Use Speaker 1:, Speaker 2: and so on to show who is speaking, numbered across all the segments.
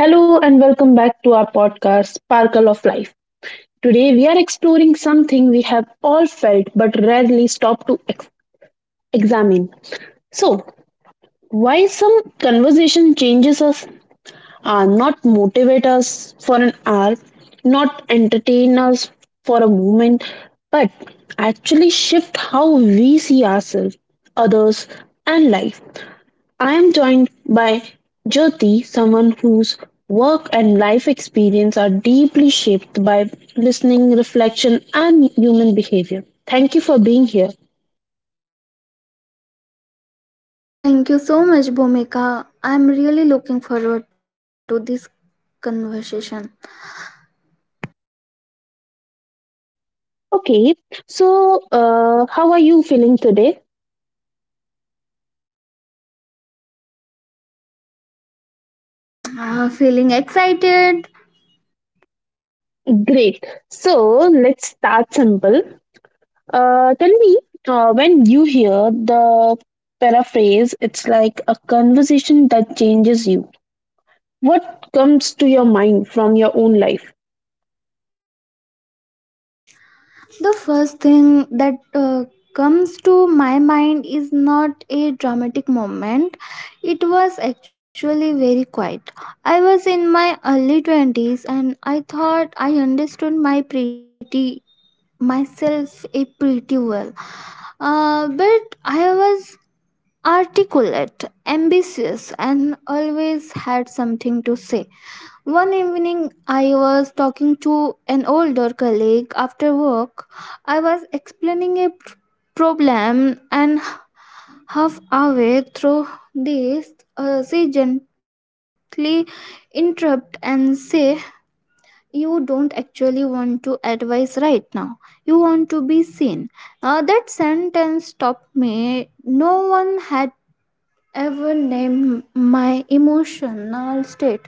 Speaker 1: Hello and welcome back to our podcast, Sparkle of Life. Today we are exploring something we have all felt but rarely stopped to examine. So, why some conversation changes us, not motivate us for an hour, not entertain us for a moment, but actually shift how we see ourselves, others, and life. I am joined by Jyoti, someone whose work and life experience are deeply shaped by listening, reflection, and human behavior. Thank you for being here.
Speaker 2: Thank you so much, Bhumika. I'm really looking forward to this conversation.
Speaker 1: Okay, so how are you feeling today?
Speaker 2: Feeling excited.
Speaker 1: Great. So let's start simple. Tell me, when you hear the paraphrase, it's like a conversation that changes you. What comes to your mind from your own life?
Speaker 2: The first thing that comes to my mind is not a dramatic moment. It was actually very quiet. I was in my early 20s and I thought I understood my pretty myself a pretty well. But I was articulate, ambitious, and always had something to say. One evening, I was to an older colleague after work. I was explaining a problem, and halfway through this, she gently interrupt and say, "You don't actually want to advise right now. You want to be seen." That sentence stopped me. No one had ever named my emotional state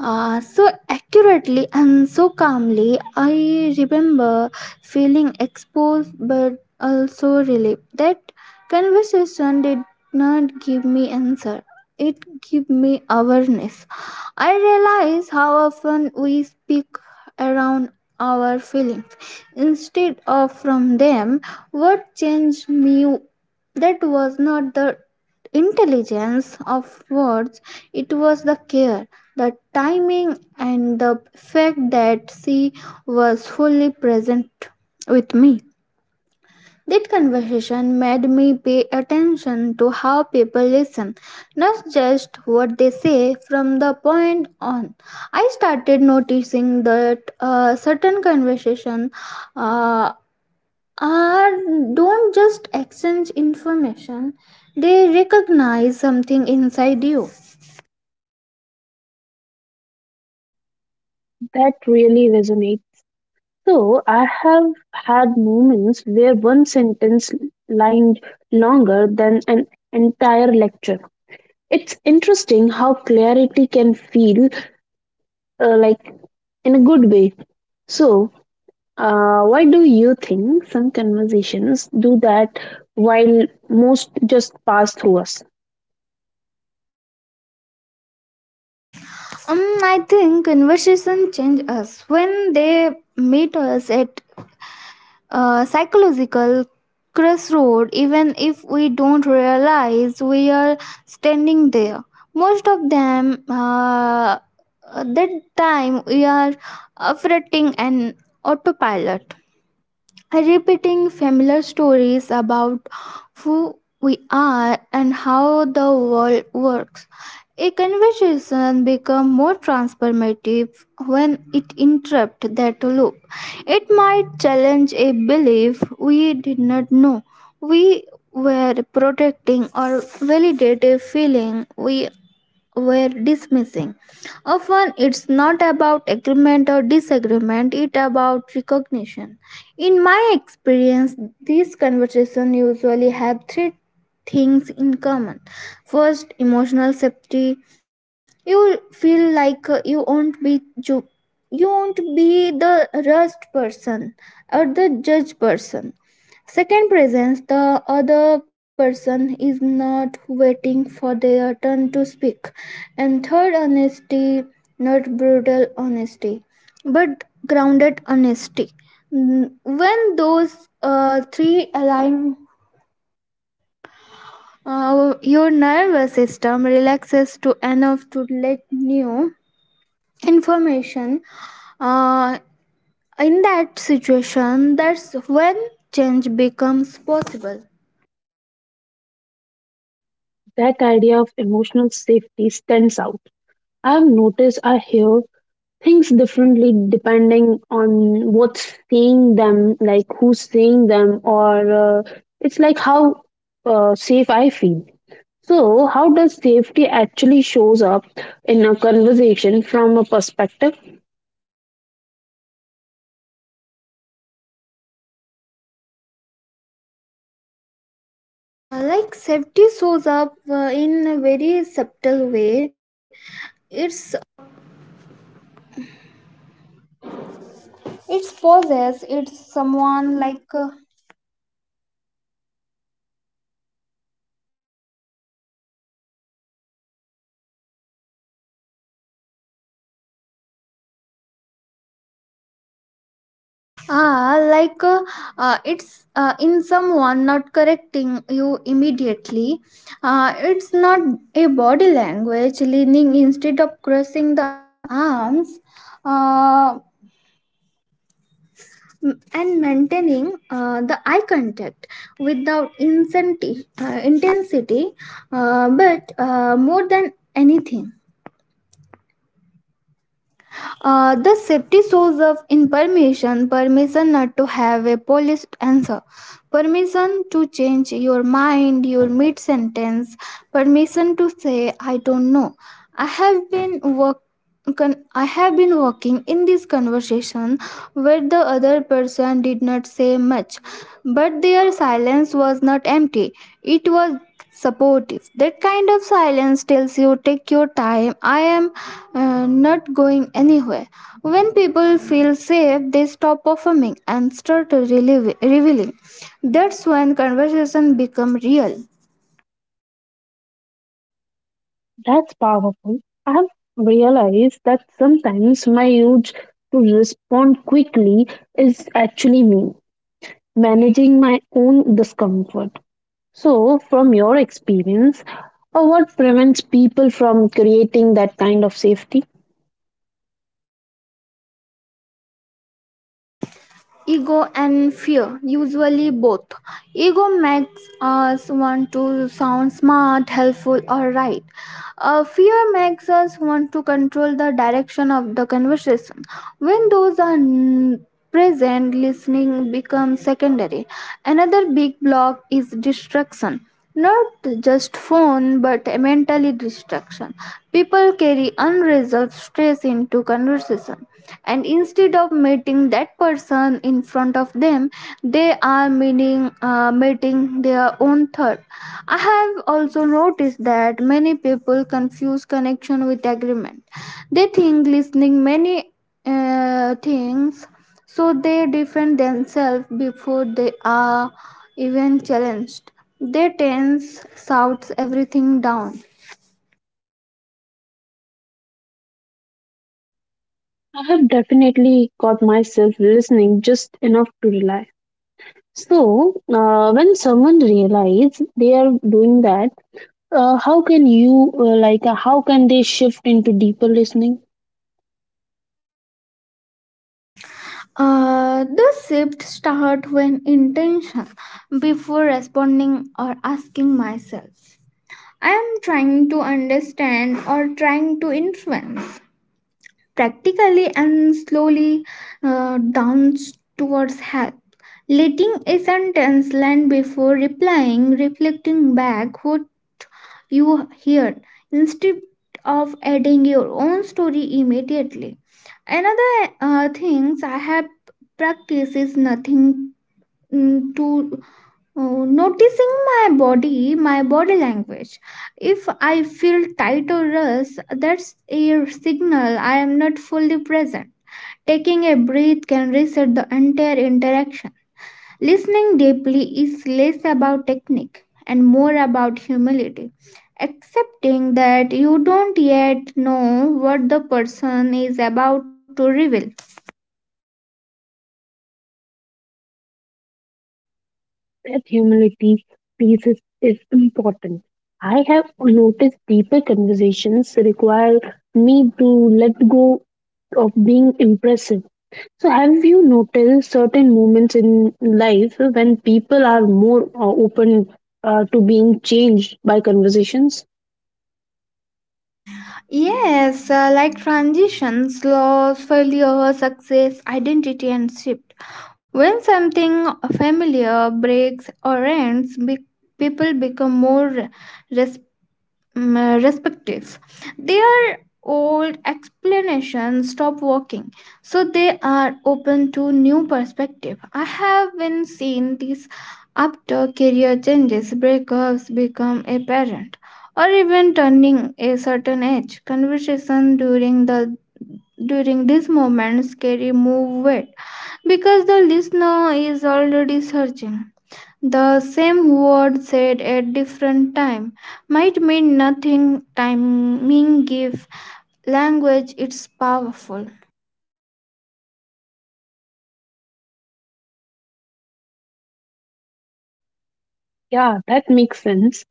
Speaker 2: so accurately and so calmly. I remember feeling exposed but also relieved. That conversation did not give me answer. It gave me awareness. I realize how often we speak around our feelings instead of from them. What changed me that was not the intelligence of words, it was the care, the timing, and the fact that she was fully present with me. That conversation made me pay attention to how people listen, not just what they say. From the point on, I started noticing that certain conversations uh, are don't just exchange information; they recognize something inside you.
Speaker 1: That really resonates. So I have had moments where one sentence lined longer than an entire lecture. It's interesting how clarity can feel like in a good way. So, why do you think some conversations do that while most just pass through us?
Speaker 2: I think conversation change us when they meet us at a psychological crossroad, even if we don't realize we are standing there. Most of them, that time, we are operating an autopilot, repeating familiar stories about who we are and how the world works. A conversation becomes more transformative when it interrupts that loop. It might challenge a belief we did not know we were protecting, or validate a feeling we were dismissing. Often it's not about agreement or disagreement, it's about recognition. In my experience, these conversations usually have three things in common. First, emotional safety. You feel like, you won't be the rushed person or the judged person. Second, presence: the other person is not waiting for their turn to speak. And third, honesty, not brutal honesty, but grounded honesty. When those three align, your nervous system relaxes to enough to let new information uh, in that situation. That's when change becomes possible.
Speaker 1: That idea of emotional safety stands out. I've noticed I hear things differently depending on what's seeing them, like who's seeing them, or it's like how safe I feel. So, how does safety actually shows up in a conversation from a perspective?
Speaker 2: Like safety shows up in very. Like, it's, in someone not correcting you immediately. It's not a body language, leaning instead of crossing the arms, uh, and maintaining the eye contact without intensity, but more than anything. The safety source of information: permission not to have a polished answer, permission to change your mind your mid sentence, permission to say I don't know. i have been work I have been working in this conversation where the other person did not not say much, but their silence was not empty. It was supportive. That kind of silence tells you, take your time, I am, not going anywhere. When people feel safe, they stop performing and start revealing. That's when conversation become real.
Speaker 1: That's powerful. I've realized that sometimes my urge to respond quickly is actually me managing my own discomfort. So, from your experience, what prevents people from creating that kind of safety?
Speaker 2: Ego and fear, usually both. Ego makes us want to sound smart, helpful, or right. Fear makes us want to control the direction of the conversation. When those are present, listening becomes secondary. Another big block is distraction, not just phone but mentally distraction. People carry unresolved stress into conversation, and instead of meeting that person in front of them, they are meeting their own thought. I have also noticed that many people confuse connection with agreement. They think listening many things, so they defend themselves before they are even challenged. They tense shouts everything down.
Speaker 1: I have definitely got myself listening just enough to rely. So, when someone realizes they are doing that, uh, how can they shift into deeper listening?
Speaker 2: The shift start when intention before responding, or asking myself. I am trying to understand or trying to influence, practically and slowly down towards help. Letting a sentence land before replying, reflecting back what you heard instead of adding your own story immediately. Another things I have practiced is nothing, to. Oh, Noticing my body language. If I feel tight or rest, that's a signal I am not fully present. Taking a breath can reset the entire interaction. Listening deeply is less about technique and more about humility. Accepting that you don't yet know what the person is about to reveal.
Speaker 1: That humility piece is important. I have noticed deeper conversations require me to let go of being impressive. So, have you noticed certain moments in life when people are more open to being changed by conversations?
Speaker 2: Yes, like transitions, loss, failure, success, identity, and shift. When something familiar breaks or ends, people become more, respective. Their old explanations stop working, so they are open to new perspective. I have been seeing this after career changes, breakups, become a parent, or even turning a certain age. Conversation during these moments carry more weight, because the listener is already searching. The same word said at different time might mean nothing. Timing give language it's powerful.
Speaker 1: Yeah, that makes sense.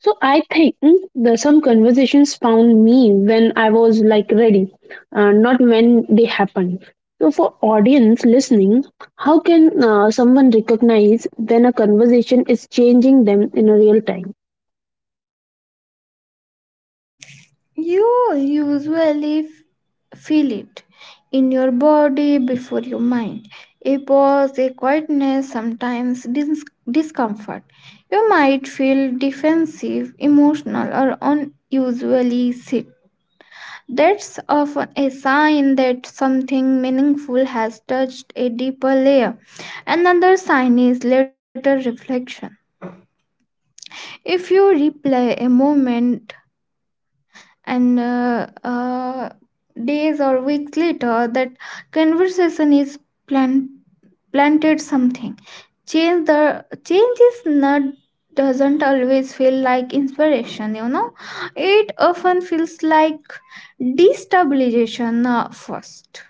Speaker 1: So, I think some conversations found me when I was like ready, not when they happened. So, for audience listening, how can someone recognize when a conversation is changing them in a real time?
Speaker 2: You usually feel it in your body before your mind. A pause, a quietness, sometimes discomfort. You might feel defensive, emotional, or unusually sick. That's often a sign that something meaningful has touched a deeper layer. Another sign is later reflection. If you replay a moment, and days or weeks later, that conversation is plant- planted something. Change the change is not, doesn't always feel like inspiration. You know, it often feels like destabilization first.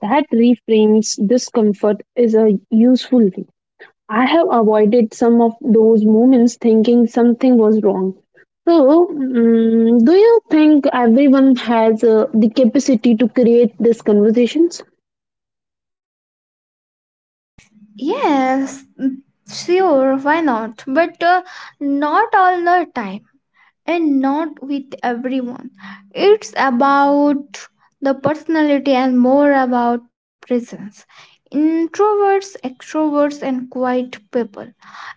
Speaker 1: That reframes discomfort is a useful way. I have avoided some of those moments thinking something was wrong. So, mm do you think everyone has the capacity to create these conversations?
Speaker 2: Yes, sure, why not? But not all the time and not with everyone. It's about the personality and more about presence. Introverts, extroverts, and quiet people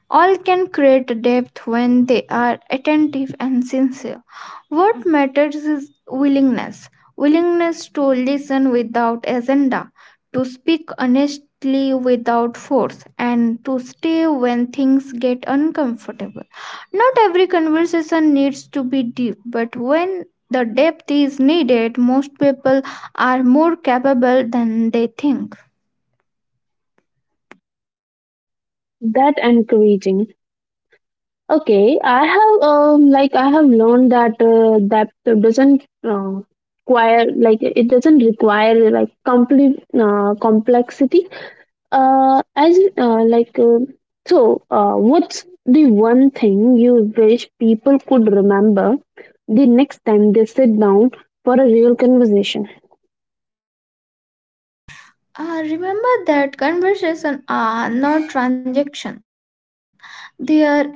Speaker 2: all can create depth when they are attentive and sincere. What matters is willingness to listen without agenda, to speak honestly without force, and to stay when things get uncomfortable. Not every conversation needs to be deep, but when the depth is needed, most people are more capable than they think.
Speaker 1: That encouraging. Okay, I have like I have learned that that doesn't require like it doesn't require like complete complexity. As like so, what's the one thing you wish people could remember the next time they sit down for a real conversation?
Speaker 2: Remember that conversation are not transactions, they are encounters.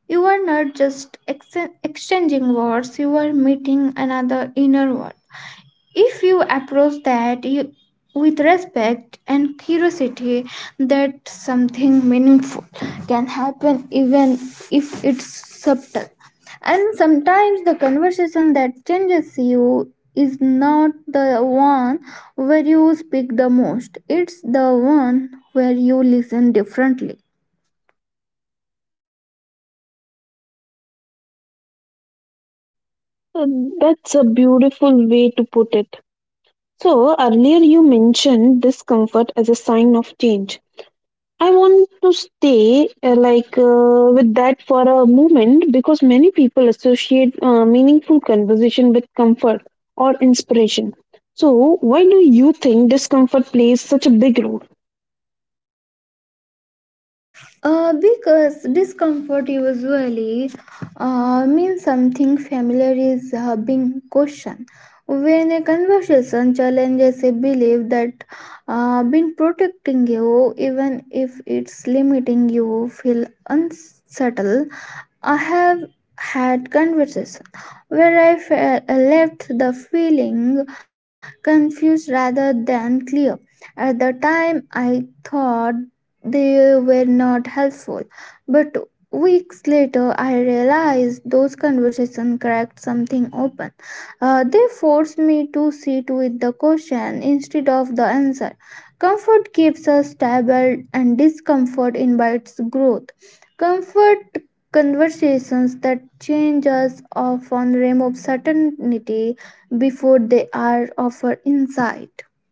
Speaker 2: You are not just exchanging words, you are meeting another inner world. If you approach that you, with respect and curiosity, something meaningful can happen, even if it's subtle. And sometimes the conversation that changes you is not the one where you speak the most, it's the one where you listen differently.
Speaker 1: Uh, that's a beautiful way to put it. So earlier you mentioned discomfort as a sign of change. I want to stay with that for a moment because many people associate meaningful conversation with comfort or inspiration. So, why do you think discomfort plays such a big role?
Speaker 2: Because discomfort usually means something familiar is being questioned. When a conversation challenges a belief that been protecting you, even if it's limiting you, feel unsettled. I have had conversation where I left the feeling confused rather than clear. At the time, I thought they were not helpful. But weeks later, I realized those conversations cracked something open. They forced me to sit with the question instead of the answer. Comfort keeps us stable, and discomfort invites growth. Comfort conversations that change us often remove certainty before they are offered insight.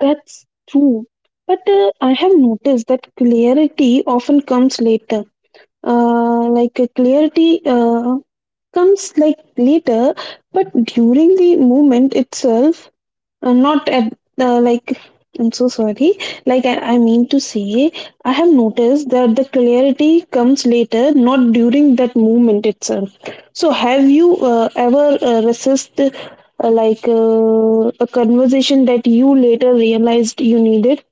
Speaker 1: That's true. But I have noticed that clarity often comes later. Like clarity comes like later, but during the movement itself, not at like I'm so sorry. Like I mean to say, I have noticed that the clarity comes later, not during that movement itself. So have you ever resist a conversation that you later realized you needed?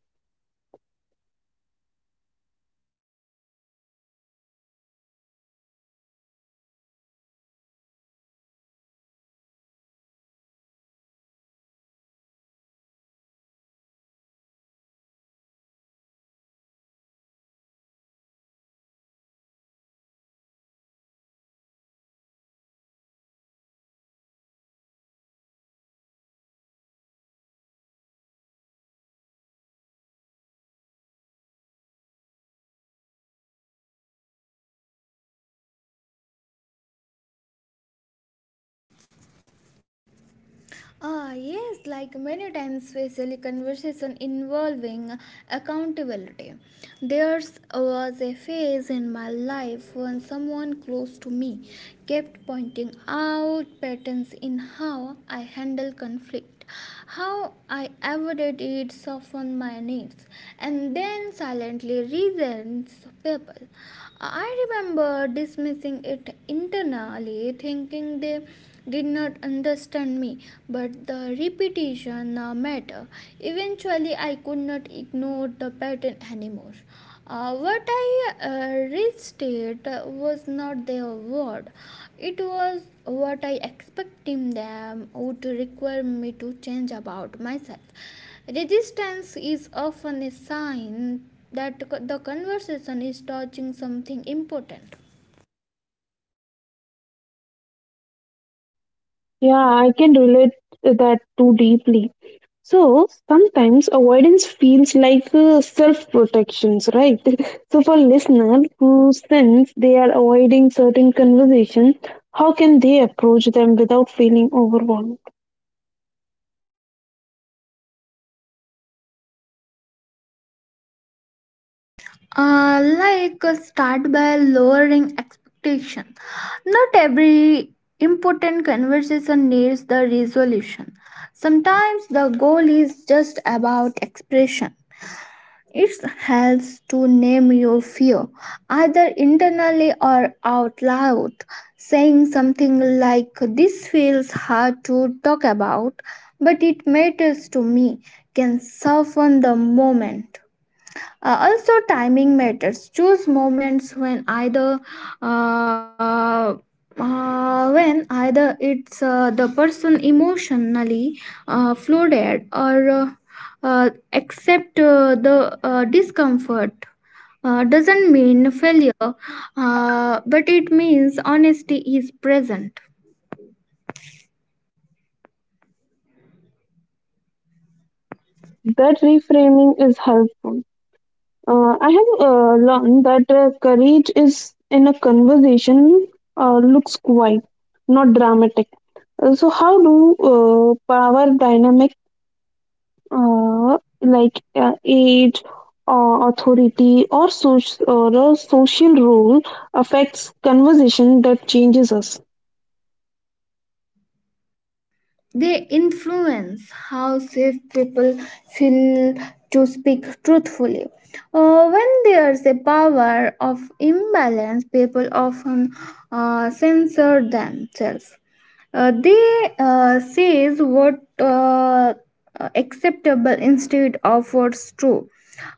Speaker 2: Yes, like many times, especially conversation involving accountability. There was a phase in my life when someone close to me kept pointing out patterns in how I handle conflict, how I avoided it, softened my needs, and then silently resents people. I remember dismissing it internally, thinking they did not understand me, but the repetition mattered. Eventually, I could not ignore the pattern anymore. What I restated was not their word, it was what I expecting them would require me to change about myself. Resistance is often a sign that the conversation is touching something important.
Speaker 1: Yeah, I can relate that too deeply. So sometimes avoidance feels like self-protections, right? So for listener who sense they are avoiding certain conversation, how can they approach them without feeling overwhelmed?
Speaker 2: Like, start by lowering expectation. Not every important conversation needs the resolution. Sometimes the goal is just about expression. It helps to name your fear, either internally or out loud. Saying something like, "This feels hard to talk about, but it matters to me," can soften the moment. Also, timing matters. Choose moments when either, uh, when either it's the person emotionally flooded, or accept the discomfort doesn't mean failure, but it means honesty is present.
Speaker 1: That reframing is helpful. I have learned that courage is in a conversation looks quiet, not dramatic. So how do power dynamic age or authority, or a social role affects conversation that changes us.
Speaker 2: They influence how safe people feel to speak truthfully. When there's a power of imbalance, people often censor themselves. They says what acceptable instead of what's true.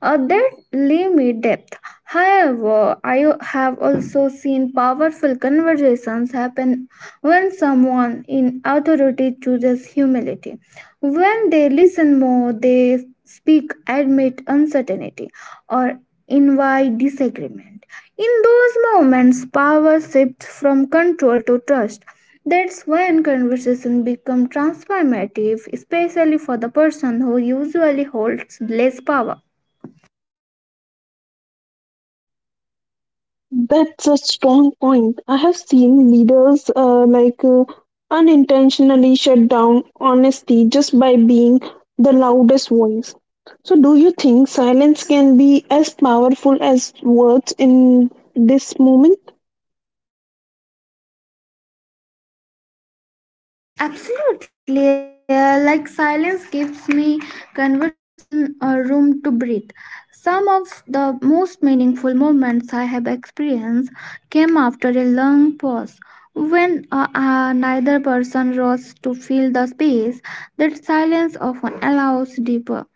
Speaker 2: That limit depth. However, I have also seen powerful conversations happen when someone in authority chooses humility. When they listen more, they speak, admit uncertainty, or invite disagreement. In those moments, power shifts from control to trust. That's when conversation become transformative, especially for the person who usually holds less power.
Speaker 1: That's a strong point. I have seen leaders unintentionally shut down honesty just by being the loudest voice. So, do you think silence can be as powerful as words in this moment?
Speaker 2: Absolutely, like silence gives me conversation, room to breathe. Some of the most meaningful moments I have experienced came after a long pause. Neither person rose to fill the space; that silence often allows deeper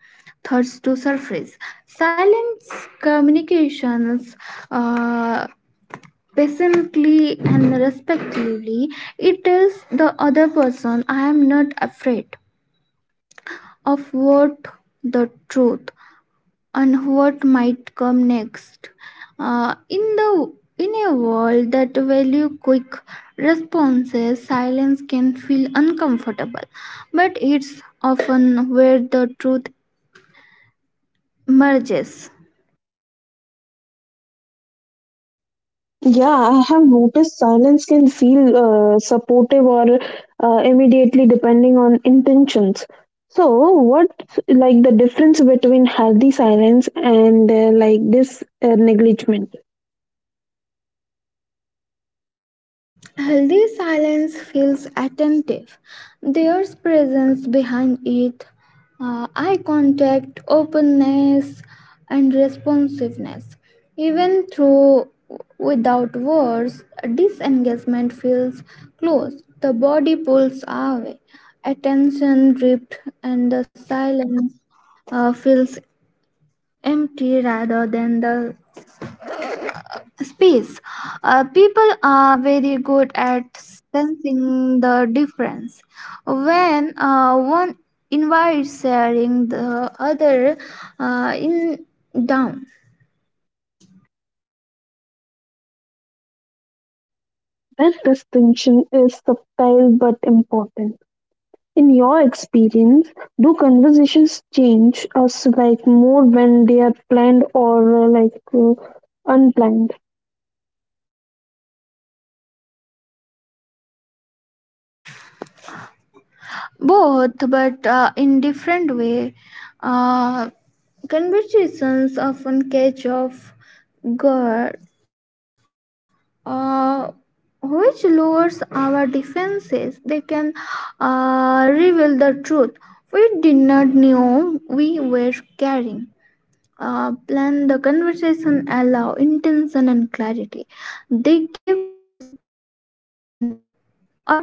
Speaker 2: thoughts to surface. Silence communications, uh, patiently and respectfully. It tells the other person, I am not afraid of what the truth, and what might come next. In the in a world that value quick responses, silence can feel uncomfortable, but it's often where the truth emerges.
Speaker 1: Yeah, I have noticed silence can feel supportive or immediately depending on intentions. So, what like the difference between healthy silence and like this negligent?
Speaker 2: Healthy silence feels attentive. There's presence behind it: eye contact, openness, and responsiveness. Even through without words, disengagement feels close. The body pulls away, attention drift, and the silence feels empty rather than the space. People are very good at sensing the difference. When one invites sharing, the other in down.
Speaker 1: That distinction is subtle but important. In your experience, do conversations change us like more when they are planned or unplanned?
Speaker 2: Both, but in different way. Uh, Conversations often catch off guard, uh, which lowers our defenses. They can reveal the truth. We did not know we were carrying. Plan the conversation, allow intention and clarity. They give us time to reflect and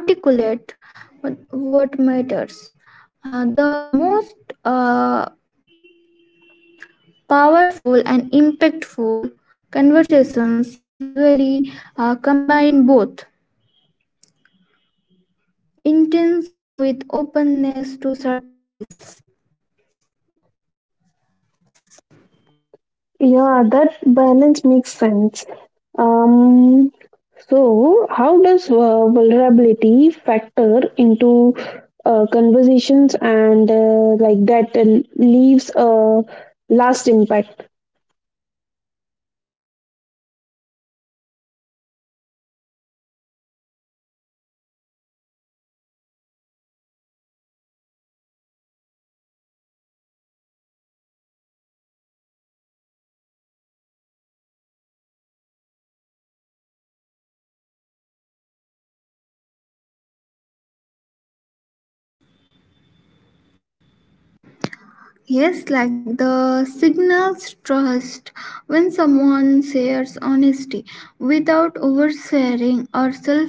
Speaker 2: articulate what matters. The most uh, powerful and impactful conversations usually combine both intention with openness to surprise.
Speaker 1: Yeah, that balance makes sense. Um, so, how does vulnerability factor into conversations and that leaves a last impact?
Speaker 2: Yes, like the signals trust when someone shares honesty without oversharing or self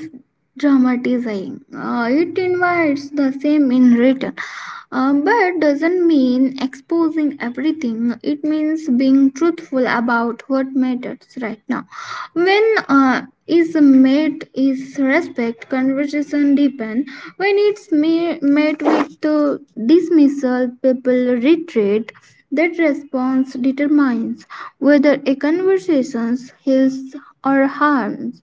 Speaker 2: dramatizing. It invites the same in return, but doesn't mean exposing everything. It means being truthful about what matters right now. When is met is respect, conversation deepen. When it's met with dismissal, people retreat. That response determines whether a conversation heals or harms.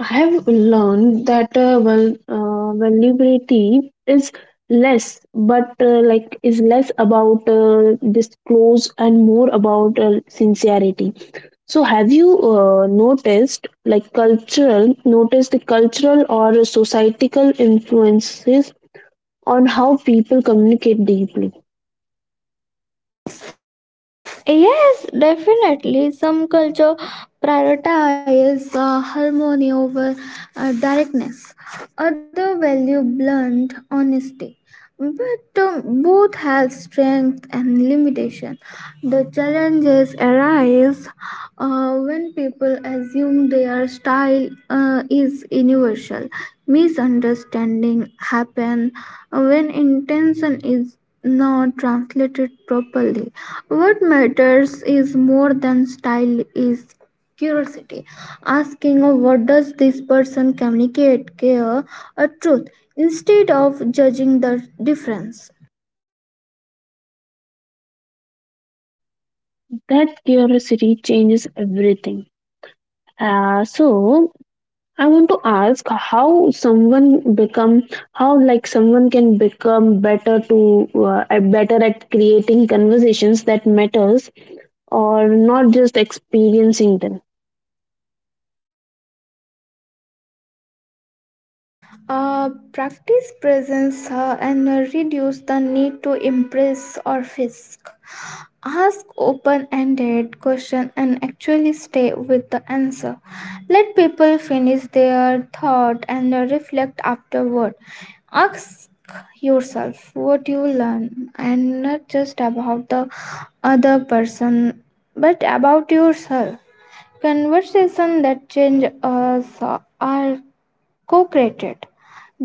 Speaker 1: I have learned that vulnerability is less about disclose and more about sincerity. So, have you noticed the cultural or societal influences on how people communicate deeply?
Speaker 2: Yes, definitely. Some culture prioritize harmony over directness. Other value blunt honesty. But both have strength and limitation. The challenges arise when people assume their style is universal. Misunderstanding happen when intention is not translated properly. What matters is more than style is curiosity. Asking of what does this person communicate, care, or truth, instead of judging the difference.
Speaker 1: That curiosity changes everything. So, I want to ask how like someone can become better at creating conversations that matters, or not just experiencing them.
Speaker 2: Practice presence, and reduce the need to impress or fisk. Ask open ended question and actually stay with the answer. Let people finish their thought and reflect afterward. Ask yourself what you learn, and not just about the other person but about yourself. Conversations that change us are co created.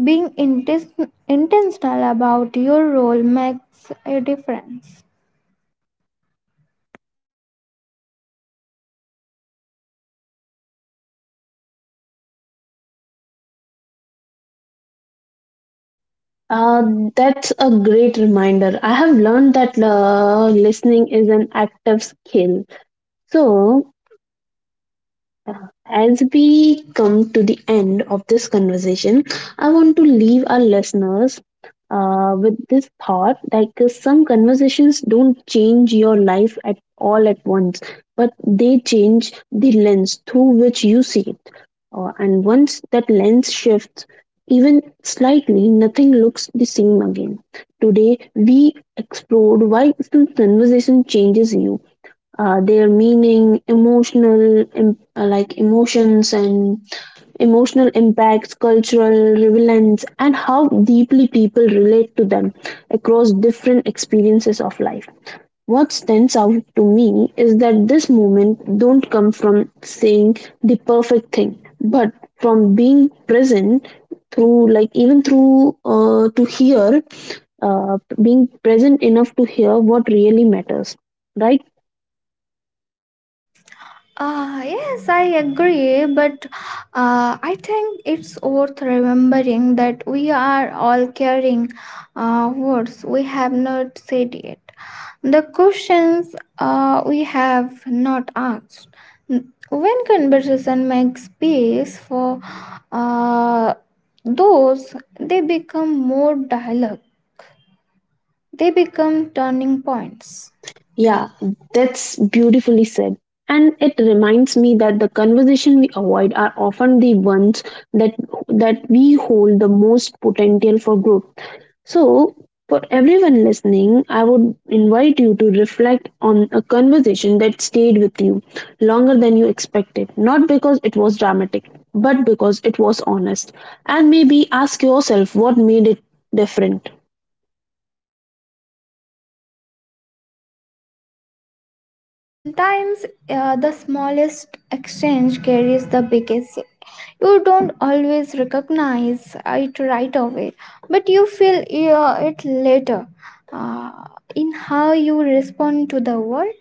Speaker 2: Being intentional about your role makes a difference.
Speaker 1: Uh, that's a great reminder. I have learned that listening is an active skill. So, as we come to the end of this conversation, I want to leave our listeners with this thought like some conversations don't change your life at all at once, but they change the lens through which you see it. And once that lens shifts even slightly, nothing looks the same again. Today, we explored why some conversation changes you, their meaning, emotional, em- like emotions and emotional impacts, cultural relevance, and how deeply people relate to them across different experiences of life. What stands out to me is that this movement don't come from saying the perfect thing, but from being present through like even through to hear being present enough to hear what really matters, right?
Speaker 2: Yes, I agree, but I think it's worth remembering that we are all carrying words we have not said yet, the questions we have not asked. When conversation makes space for uh, those, they become more dialogue, they become turning points.
Speaker 1: Yeah, that's beautifully said. And it reminds me that the conversation we avoid are often the ones that that we hold the most potential for growth. So, for everyone listening, I would invite you to reflect on a conversation that stayed with you longer than you expected, not because it was dramatic, but because it was honest. And maybe ask yourself what made it different.
Speaker 2: Sometimes the smallest exchange carries the biggest shift. You don't always recognize it right away, but you feel it later, uh, in how you respond to the world.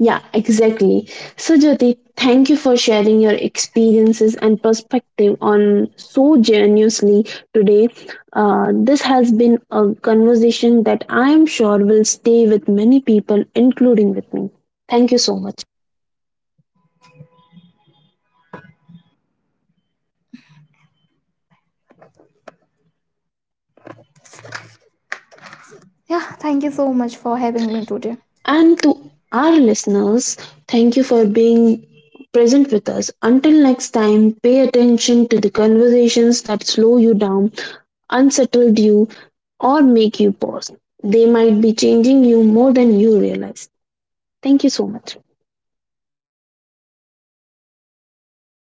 Speaker 1: Yeah, exactly. So, Jyoti, thank you for sharing your experiences and perspective on so generously today. This has been a conversation that I am sure will stay with many people,
Speaker 2: Thank you so
Speaker 1: including with
Speaker 2: much,
Speaker 1: me.
Speaker 2: Bhumika.
Speaker 1: Thank
Speaker 2: It
Speaker 1: you so
Speaker 2: was
Speaker 1: much.
Speaker 2: a, uh, yeah. Thank you so much for having me today.
Speaker 1: And to our listeners, thank you for being present with us. Until next time, pay attention to the conversations that slow you down, unsettled you, or make you pause. They might be changing you more than you realize. Thank you so much.